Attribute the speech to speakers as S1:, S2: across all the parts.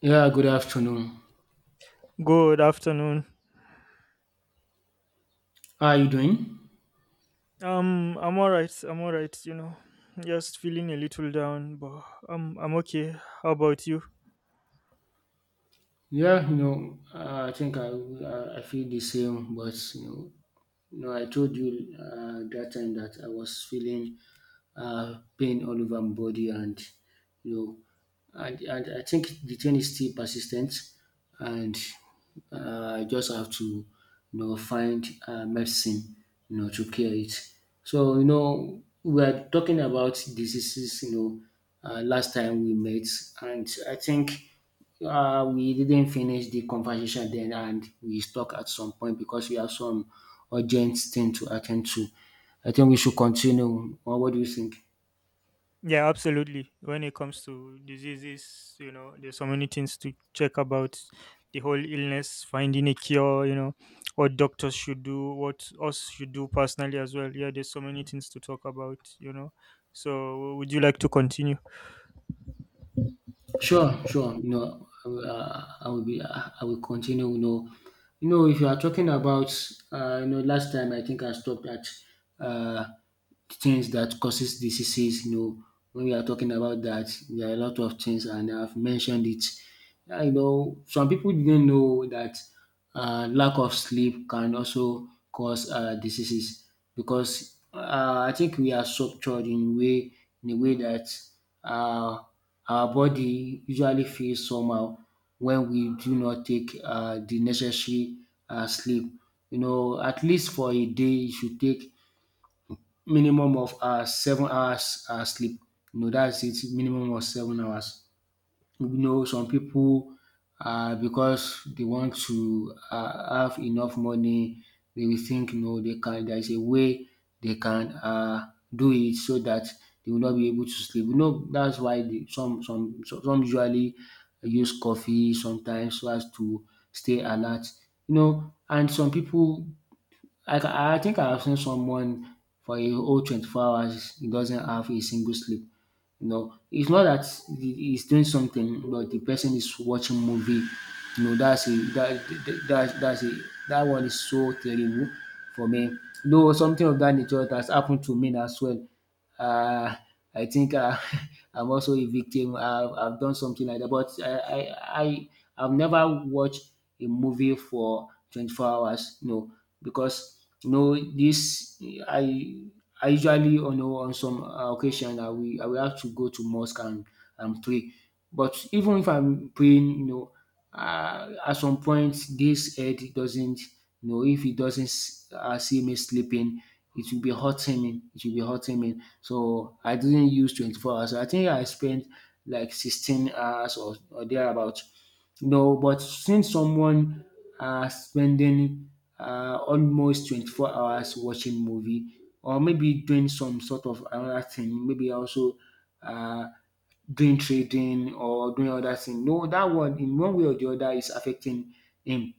S1: Yeah, good afternoon.
S2: Good afternoon.
S1: How are you doing?
S2: I'm all right. I'm all right. Just feeling a little down, but I'm okay. How about you?
S1: Yeah, I think I feel the same, but I told you that time that I was feeling pain all over my body, and you know, I think the thing is still persistent, and I just have to, find medicine, to cure it. So we are talking about diseases, last time we met, and I think we didn't finish the conversation then, and we stuck at some point because we have some urgent thing to attend to. I think we should continue. Or what do you think?
S2: Yeah, absolutely. When it comes to diseases, there's so many things to check about the whole illness, finding a cure, what doctors should do, what us should do personally as well. Yeah, there's so many things to talk about. So, would you like to continue?
S1: Sure, sure. I will be. I will continue. If you are talking about, last time I think I stopped at uh, things that causes diseases. When we are talking about that, there are a lot of things, and I've mentioned it. I know, some people didn't know that. Lack of sleep can also cause diseases because I think we are structured in a way that uh, our body usually feels somehow when we do not take the necessary sleep. At least for a day, you should take minimum of 7 hours sleep. That's it, minimum of 7 hours. Some pipu because dey want to have enough money, dey will think dey can, there is a way dey can do it, so dat dey will not be able to sleep. Dats why de some usually use coffee sometimes so as to stay alert. And some pipu, I think I have seen someone for a whole 24 hours, he doesn't have a single sleep. It's not that he's doing something, but the person is watching movie. You know, that's a that that that, that's a that one is so terrible for me. Though something of that nature has happened to me as well. Uh, I think I'm also a victim. I've done something like that, but I've never watched a movie for 24 hours. No, because you know this I I usually, on some occasion, I will have to go to mosque and pray. But even if I'm praying, at some point, this head doesn't, if it doesn't see me sleeping, it will be hurting me. It will be hurting me. So I didn't use 24 hours. I think I spent like 16 hours or thereabout. No, but since someone spending almost 24 hours watching movie, or maybe doing some sort of another thing, maybe also uh, doing trading or doing other thing. No, that one in one way or the other is affecting him.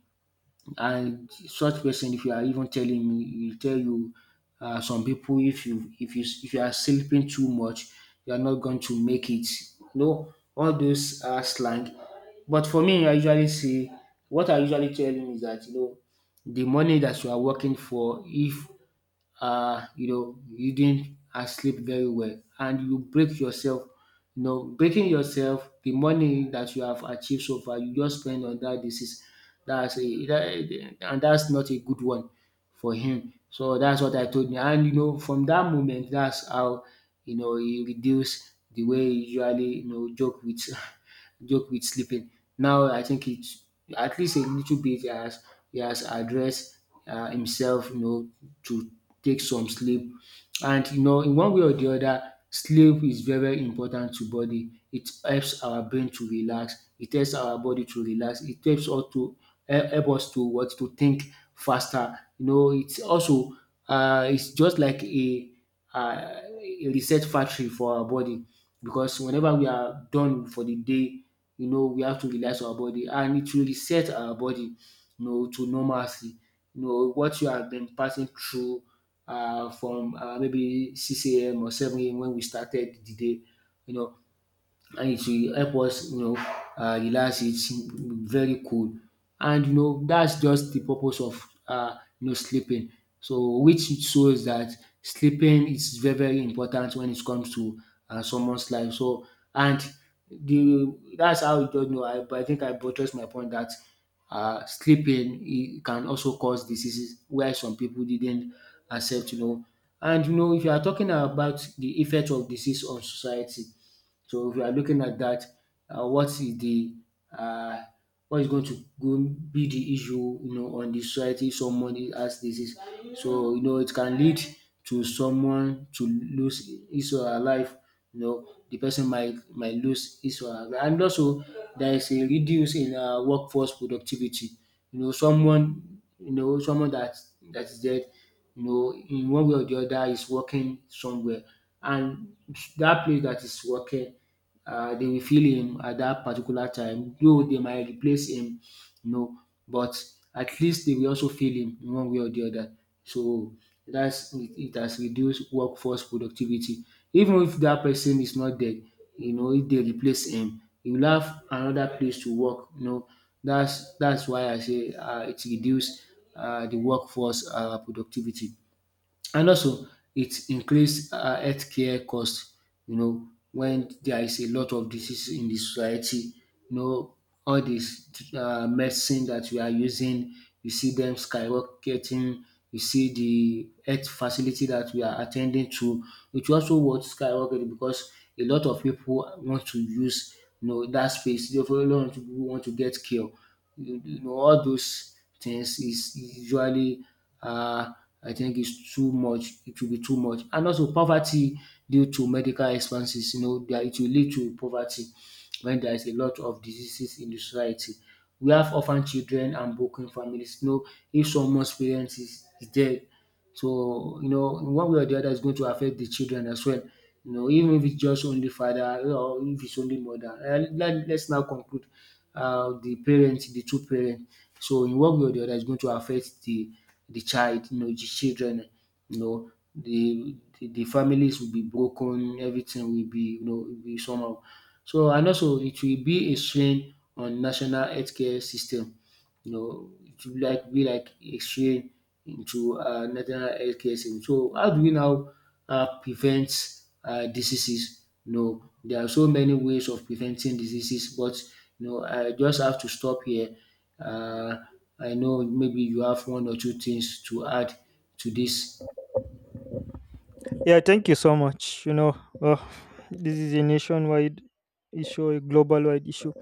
S1: And such person, if you are even telling me, he will tell you, some people, if you are sleeping too much, you are not going to make it. No, all those are slang. But for me, I usually see, what I usually tell him is that, the money that you are working for, if you didn't sleep very well, and you break yourself. Breaking yourself, the money that you have achieved so far, you just spend on that disease. And that's not a good one for him. So that's what I told me. And from that moment, that's how he reduced the way he usually joke with joke with sleeping. Now I think it's at least a little bit, he has addressed himself, to take some sleep. And in one way or the other, sleep is very, very important to body. It helps our brain to relax. It helps our body to relax. It helps us to help us to what to think faster. It's just like a, a reset factory for our body, because whenever we are done for the day, we have to relax our body, and it will reset our body, to normalcy. What you have been passing through, from maybe 6 a.m. or 7 a.m. when we started the day. You know, and it will help us relax. It's very cool, and that's just the purpose of, sleeping, so which it shows that sleeping is very very important when it comes to someone's life. So, and the that's how you just know I but I think I buttress my point that sleeping, it can also cause diseases, where some people didn't accept. And if you are talking about the effect of disease on society, so if we are looking at that, uh, what is the uh, what is going to go be the issue, on the society if someone has disease? So it can lead to someone to lose his or her life. The person might lose his or her life. And also, there is a reduce in workforce productivity. Someone that is dead, in one way or the other, is working somewhere. And that place that is working, they will fill him at that particular time, though they might replace him, no, but at least they will also feel him in one way or the other. So that's it, it has reduced workforce productivity. Even if that person is not dead, if they replace him, he will have another place to work. That's why I say it reduced the workforce productivity. And also, it increase healthcare cost, when there is a lot of disease in the society. You know, all this medicine that we are using, you see them skyrocketing. You see the health facility that we are attending to, which also was skyrocketing because a lot of people want to use, that space. Therefore, a lot of people want to get care. All those things is usually, uh I think it's too much. It will be too much. And also poverty due to medical expenses, that, it will lead to poverty when there is a lot of diseases in the society. We have orphan children and broken families. If someone's parents is dead, so, in one way or the other, it's going to affect the children as well. Even if it's just only father, or if it's only mother. And let's now conclude, the parents, the two parents. So, in one way or the other, it's going to affect the child, the children. The families will be broken. Everything will be, will be somehow. So, and also, it will be a strain on national healthcare system. It will like be like exchange into our national healthcare system. So how do we now prevent diseases? There are so many ways of preventing diseases, but I just have to stop here. Uh, I know maybe you have one or two things to add to this.
S2: Yeah, thank you so much. Uh, this is a nationwide issue, a global wide issue.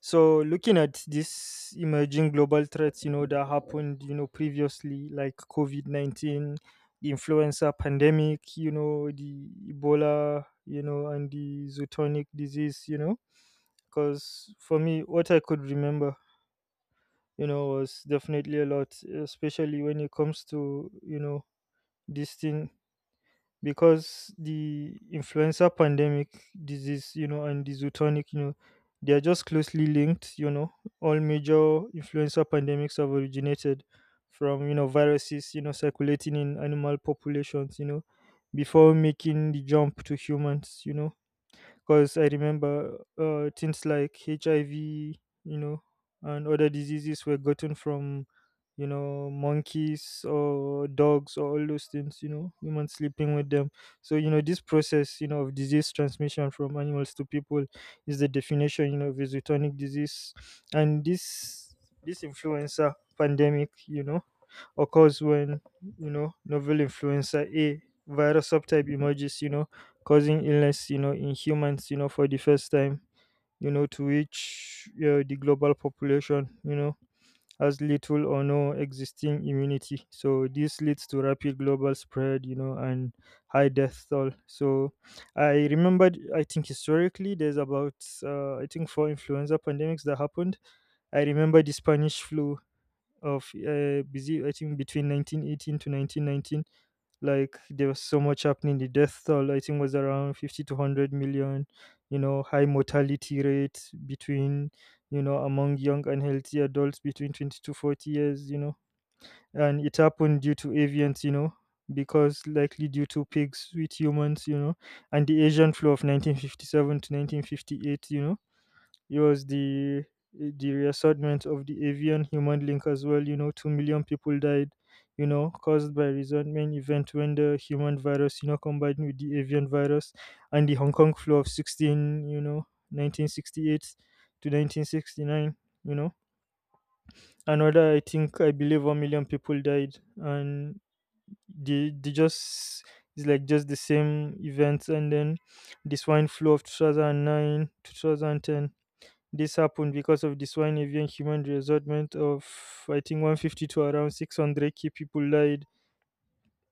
S2: So, looking at these emerging global threats, that happened, previously, like COVID 19, the influenza pandemic, the Ebola, and the zootonic disease, because for me, what I could remember, was definitely a lot, especially when it comes to, this thing because the influenza pandemic disease and the zootonic they are just closely linked. You know all major influenza pandemics have originated from viruses circulating in animal populations before making the jump to humans. Because I remember things like HIVknow, and other diseases were gotten from, monkeys or dogs or all those things, humans sleeping with them. So, this process, of disease transmission from animals to people is the definition, of a zootonic disease. And this influenza pandemic, occurs when novel influenza A virus subtype emerges, causing illness, in humans, for the first time, to which the global population, has little or no existing immunity. So this leads to rapid global spread, and high death toll. So I remembered, I think historically, there's about, I think, four influenza pandemics that happened. I remember the Spanish flu of busy I think between 1918 to 1919. Like there was so much happening. The death toll I think was around 50 to 100 million. High mortality rate between among young and healthy adults between 20 to 40 years. And it happened due to avians because likely due to pigs with humans. And the asian flu of 1957 to 1958, it was the reassortment of the avian human link as well. You know, 2 million people died. You know, caused by resentment event when the human virus, you know, combined with the avian virus, and the Hong Kong flu of 16, you know, 1968 to 1969. You know, another I think I believe 1 million people died, and they just it's like just the same events, and then the swine flu of 2009, 2010. This happened because of the swine avian human resentment of, I think, 150 to around 600 key people died.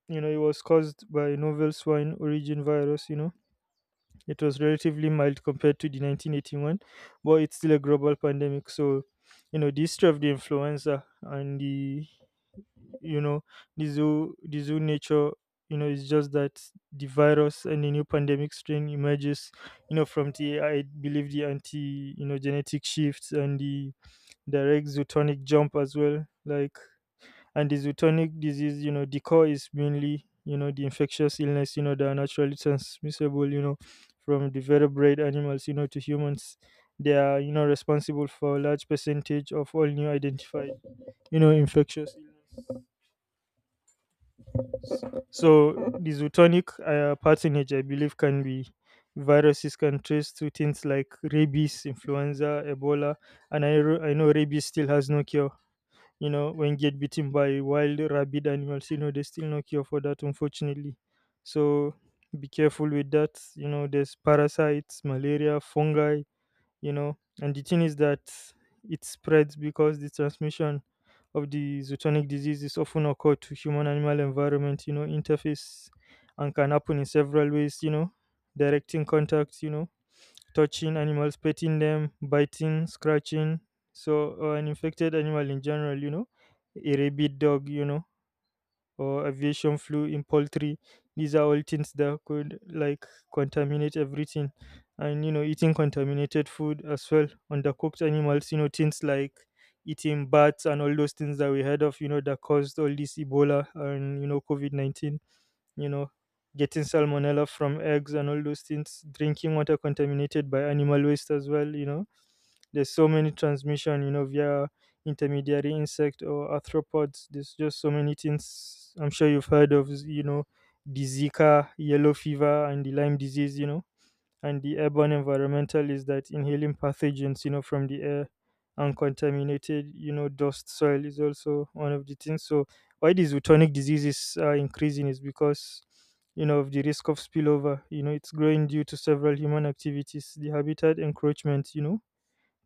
S2: You know, it was caused by a novel swine origin virus, you know. It was relatively mild compared to the 1981, but it's still a global pandemic. So, you know, the history of the influenza and the, you know, the zoo nature, you know, it's just that the virus and the new pandemic strain emerges, you know, from the, I believe, the anti, you know, genetic shifts and the direct zootonic jump as well. Like, and the zootonic disease, you know, the core is mainly, you know, the infectious illness, you know, that are naturally transmissible, you know, from the vertebrate animals, you know, to humans. They are, you know, responsible for a large percentage of all new identified, you know, infectious illness. So the zootonic patronage, I believe, can be viruses. Can trace to things like rabies, influenza, Ebola, and I know rabies still has no cure, you know, when get bitten by wild rabid animals, you know, there's still no cure for that, unfortunately. So be careful with that. You know, there's parasites, malaria, fungi, you know, and the thing is that it spreads because the transmission of the zootonic diseases often occur to human animal environment, you know, interface and can happen in several ways, you know, direct in contact, you know, touching animals, petting them, biting, scratching. So, or an infected animal in general, you know, a rabid dog, you know, or aviation flu in poultry. These are all things that could like contaminate everything. And, you know, eating contaminated food as well, undercooked animals, you know, things like eating bats and all those things that we heard of, you know, that caused all this Ebola and, you know, COVID 19, you know, getting salmonella from eggs and all those things, drinking water contaminated by animal waste as well, you know. There's so many transmission, you know, via intermediary insect or arthropods. There's just so many things I'm sure you've heard of, you know, the Zika, yellow fever and the Lyme disease, you know, and the airborne environmental is that inhaling pathogens, you know, from the air and contaminated, you know, dust soil is also one of the things. So why these zoonotic diseases are increasing is because, you know, of the risk of spillover, you know, it's growing due to several human activities. The habitat encroachment, you know,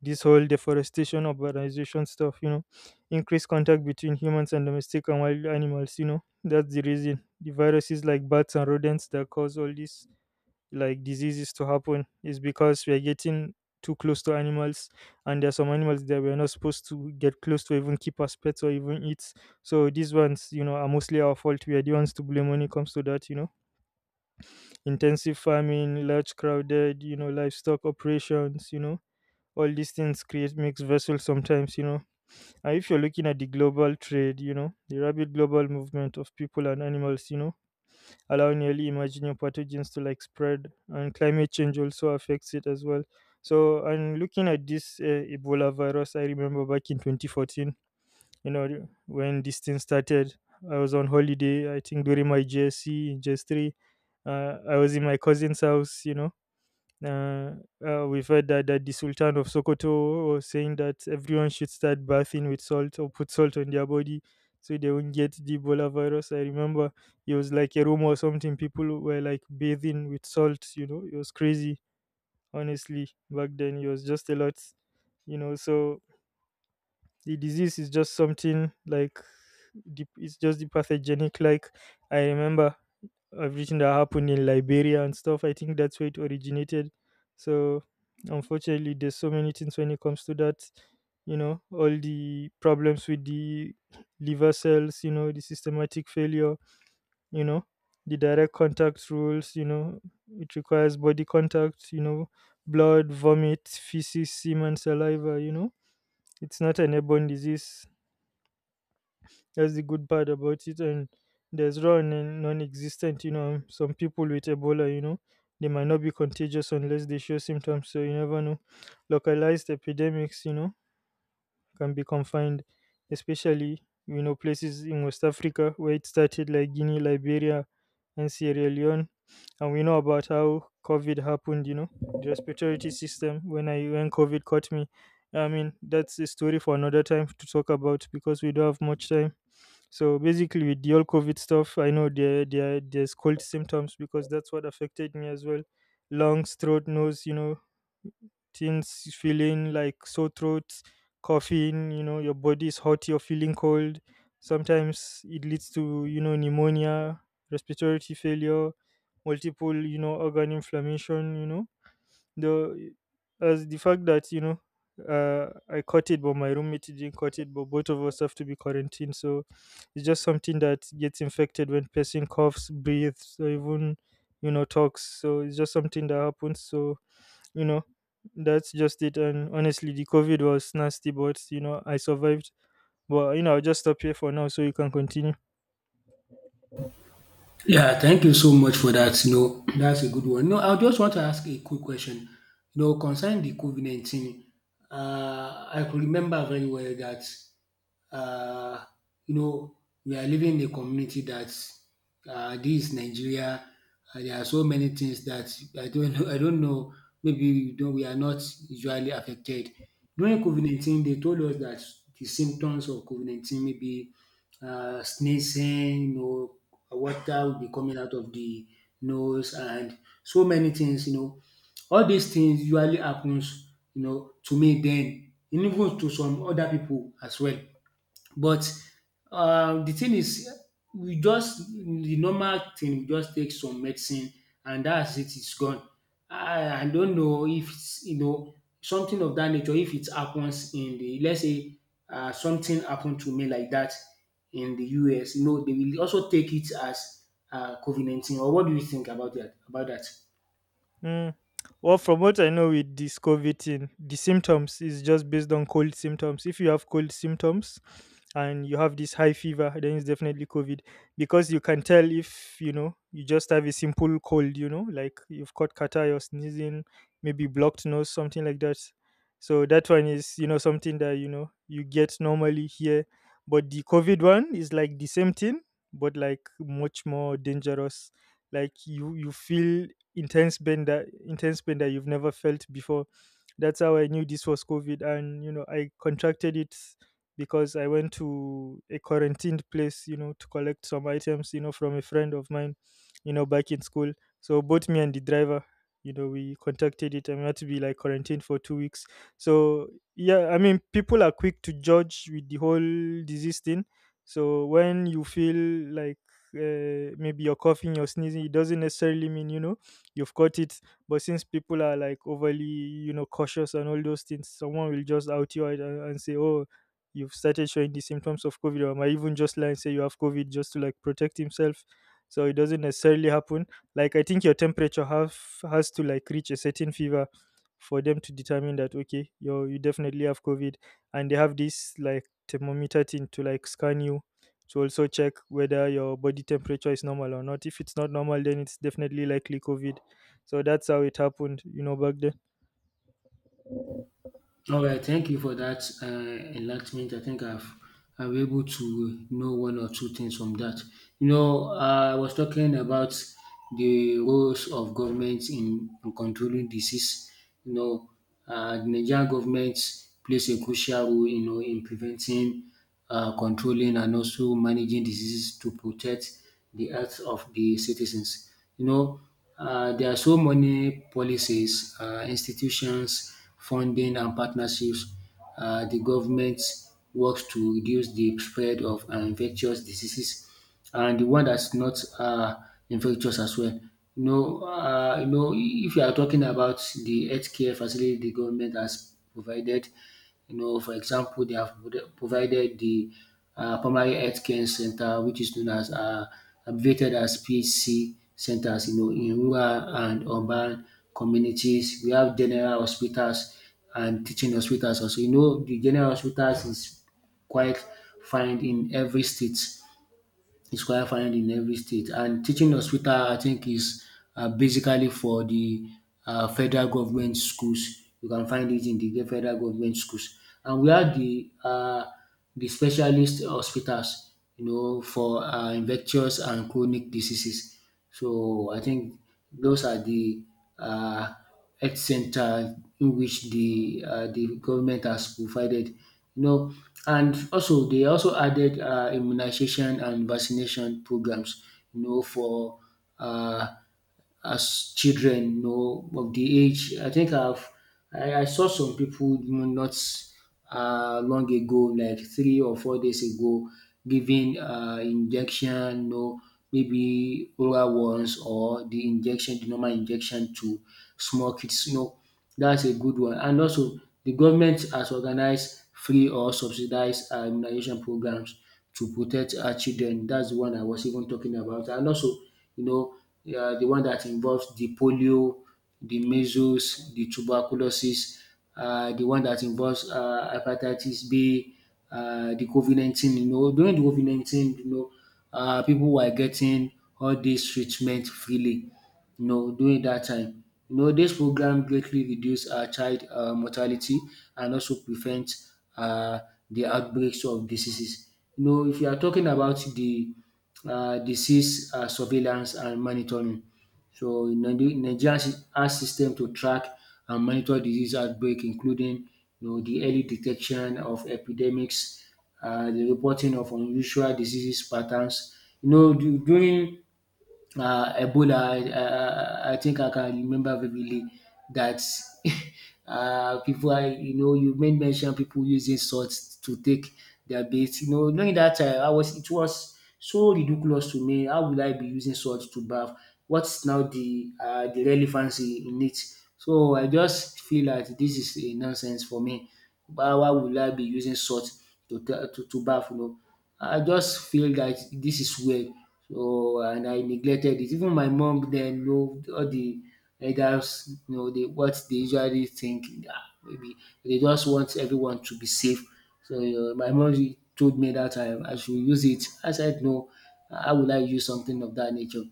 S2: this whole deforestation urbanization stuff, you know, increased contact between humans and domestic and wild animals, you know, that's the reason the viruses like bats and rodents that cause all this like diseases to happen is because we are getting too close to animals, and there are some animals that we're not supposed to get close to even keep as pets or even eat. So these ones, you know, are mostly our fault. We are the ones to blame when it comes to that, you know, intensive farming, large crowded, you know, livestock operations, you know, all these things create mixed vessels sometimes, you know. And if you're looking at the global trade, you know, the rapid global movement of people and animals, you know, allowing early emerging pathogens to like spread, and climate change also affects it as well. So, and looking at this ebola virus, I remember back in 2014, when this thing started, I was on holiday. I think during my jsc in JS3, I was in my cousin's house uh, we've heard that the Sultan of Sokoto was saying that everyone should start bathing with salt or put salt on their body so they won't get the Ebola virus. I remember it was like a rumor or something. People were like bathing with salt, you know, it was crazy, honestly. Back then, it was just a lot, you know. So the disease is just something like the, it's just the pathogenic. Like, I remember everything that happened in Liberia and stuff. I think that's where it originated. So unfortunately, there's so many things when it comes to that. You know, all the problems with the liver cells. You know, the systematic failure. You know, the direct contact rules. You know, it requires body contact. You know, blood, vomit, feces, semen, saliva. You know, it's not an airborne disease. That's the good part about it. And there's raw and non existent, you know, some people with Ebola, you know, they might not be contagious unless they show symptoms. So you never know. Localized epidemics, you know, can be confined, especially, you know, places in West Africa where it started, like Guinea, Liberia, and Sierra Leone. And we know about how COVID happened, you know, the respiratory system when COVID caught me. I mean, that's a story for another time to talk about because we don't have much time. So basically, with the all COVID stuff, I know there's cold symptoms because that's what affected me as well. Lungs, throat, nose, you know, things feeling like sore throat, coughing, you know, your body is hot, you're feeling cold. Sometimes it leads to, you know, pneumonia, respiratory failure, multiple, you know, organ inflammation, you know, the as the fact that, you know, I caught it, but my roommate didn't caught it. But both of us have to be quarantined, so it's just something that gets infected when person coughs, breathes, or even, you know, talks. So it's just something that happens. So, you know, that's just it. And honestly, the COVID was nasty, but, you know, I survived. But, you know, I'll just stop here for now so you can continue.
S1: Yeah, thank you so much for that. No, that's a good one. No, I just want to ask a quick question. Concerning the COVID 19, I could remember very well that, uh, you know, we are living in a community that, this is Nigeria. There are so many things that I don't know. I don't know. Maybe we are not usually affected. During COVID 19, they told us that the symptoms of COVID 19 may be sneezing, water will be coming out of the nose, and so many things. All these things usually happens, to me then, and even to some other people as well. But the thing is, we just the normal thing, we just take some medicine, and that's it, it's gone. I don't know if it's, something of that nature, if it happens in the, let's say, something happened to me like that in the US, they will also take it as COVID-19. Or what do you think about that?
S2: Mm. Well, from what I know with this COVID thing, the symptoms is just based on cold symptoms. If you have cold symptoms and you have this high fever, then it's definitely COVID because you can tell if you just have a simple cold, like you've caught catarrh, you're sneezing, maybe blocked nose, something like that. So that one is something that you get normally here, but the COVID one is like the same thing, but like much more dangerous, like you feel intense pain that you've never felt before. That's how I knew this was COVID, and I contracted it because I went to a quarantined place, to collect some items, from a friend of mine, back in school. So both me and the driver, we contracted it and we had to be like quarantined for 2 weeks. So yeah, I mean, people are quick to judge with the whole disease thing. So when you feel like maybe you're coughing, you're sneezing, it doesn't necessarily mean you've caught it. But since people are like overly, cautious and all those things, someone will just out you out and say, oh, you've started showing the symptoms of COVID, or might even just lie and say you have COVID just to like protect himself. So it doesn't necessarily happen. Like I think your temperature have has to like reach a certain fever for them to determine that okay, you definitely have COVID, and they have this like thermometer thing to like scan you, to also check whether your body temperature is normal or not. If it's not normal, then it's definitely likely COVID. So that's how it happened, back then.
S1: All right, thank you for that enlightenment. I think I've I was able to know one or two things from that. You know, I was talking about the roles of government in controlling disease. You know, the Nigerian government plays a crucial role, you know, in preventing controlling and also managing diseases to protect the health of the citizens. There are so many policies, institutions, funding and partnerships. The government works to reduce the spread of infectious diseases and the one that's not infectious as well. If you are talking about the healthcare facility the government has provided, you know, for example, they have provided the primary health care center, which is known as abbreviated as PHC centers. You know, in rural and urban communities, we have general hospitals and teaching hospitals also. You know, the general hospitals is quite find in every state is quite found in every state. And teaching hospital, I think, is basically for the federal government schools. You can find it in the federal government schools. And we have the specialist hospitals, you know, for infectious and chronic diseases. So I think those are the uh, health center in which the government has provided, you know. And also they also added immunization and vaccination programs, you know, for uh, as children, you know, of the age. I think I've I saw some people, you know, not long ago, like 3 or 4 days ago, giving injection, you know, maybe oral ones or the injection, the normal injection to small kids. You know, that's a good one. And also, the government has organized free or subsidized immunization programs to protect our children. That's the one I was even talking about. And also, you know, the one that involves the polio, the measles, the tuberculosis, the one that involves hepatitis B, the COVID 19. You know, during the COVID 19, you know, people were getting all this treatment freely. No, during that time. You know, this program greatly reduce child mortality and also prevent uh, the outbreaks of diseases. You know, if you are talking about the disease surveillance and monitoring, so Nigeria has system to track and monitor disease outbreak, including, you know, the early detection of epidemics, the reporting of unusual diseases patterns. You know, during Ebola, I think I can remember vividly that people are, you know, you made mention people using salt to take their bath. You know, during that time, I was it was so ridiculous to me. How will I be using salt to bath? What's now the relevancy in it? So I just feel that this is a nonsense for me. But why would I be using salt to to bath? You know, I just feel that this is weird. So and I neglected it. Even my mom then know all the elders, you know, they, what they usually think, ah, maybe they just want everyone to be safe. So you my mom told me that I should use it. I said no, how will I use something of that nature?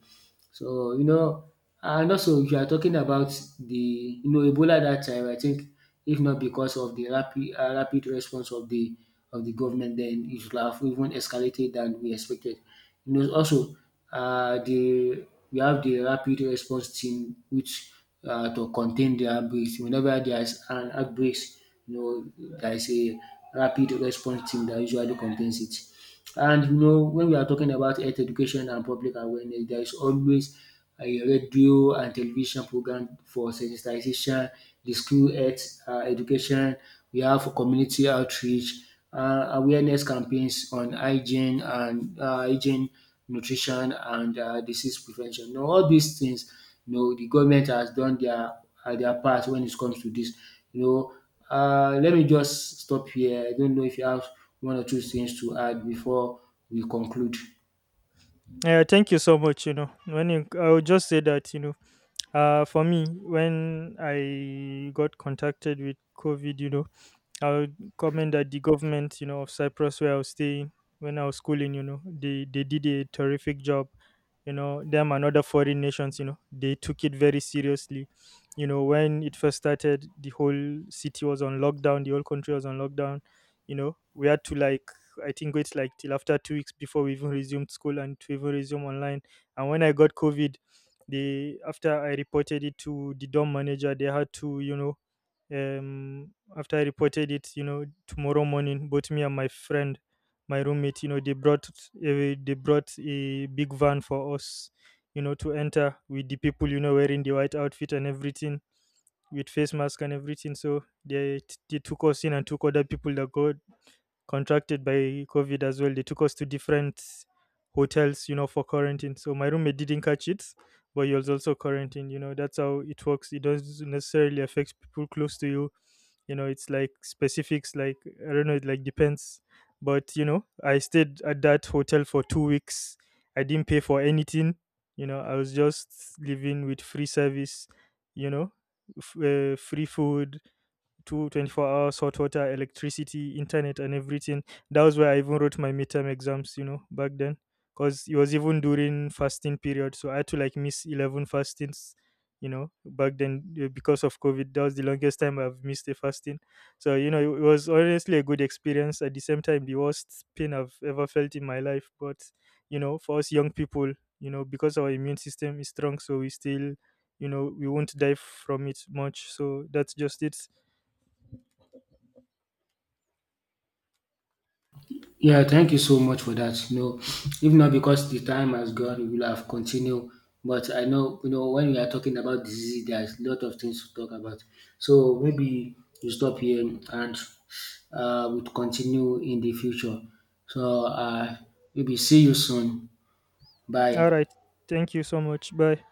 S1: So, you know, and also if you are talking about the, you know, Ebola that time, I think if not because of the rapid response of the government, then it should have even escalated than we expected. You know, also the we have the rapid response team which to contain the outbreaks. Whenever there is an outbreaks, you know, there is a rapid response team that usually contains it. And you know, when we are talking about health education and public awareness, there is always a radio and television program for sensitization, the school health education. We have community outreach, awareness campaigns on hygiene and nutrition, and disease prevention. You know, all these things, you know, the government has done their part when it comes to this. You know, let me just stop here. I don't know if you have one or two things to add before we conclude.
S2: Yeah, thank you so much. I would just say that for me, when I got contacted with COVID, I would comment that the government, of Cyprus, where I was staying when I was schooling, they did a terrific job. Them and other foreign nations, they took it very seriously. When it first started, the whole city was on lockdown, the whole country was on lockdown. We had to like, I think, wait like till after 2 weeks before we even resumed school, and to even resume online. And when I got COVID, they, after I reported it to the dorm manager, they had to, um after I reported it, tomorrow morning, both me and my friend, my roommate, they brought a big van for us, to enter, with the people, wearing the white outfit and everything, with face mask and everything. So they took us in, and took other people that got contracted by COVID as well. They took us to different hotels, for quarantine. So my roommate didn't catch it, but he was also quarantined. That's how it works. It doesn't necessarily affect people close to you. You know It's like specifics. Like, I don't know, it like depends. But I stayed at that hotel for 2 weeks. I didn't pay for anything. I was just living with free service, you know free food. Two Twenty-four hours hot water, electricity, internet, and everything. That was where I even wrote my midterm exams, back then, because it was even during fasting period. So I had to like miss 11 fastings, back then, because of COVID. That was the longest time I've missed a fasting. So it was honestly a good experience, at the same time the worst pain I've ever felt in my life. But for us young people, because our immune system is strong, so we still, we won't die from it much. So that's just it.
S1: Yeah, thank you so much for that. No, know, if not because the time has gone, we will have continued. But I know, you know, when we are talking about disease, there's a lot of things to talk about. So maybe you stop here and we'll continue in the future. So uh, Maybe see you soon.
S2: All
S1: Bye.
S2: right. Thank you so much. Bye.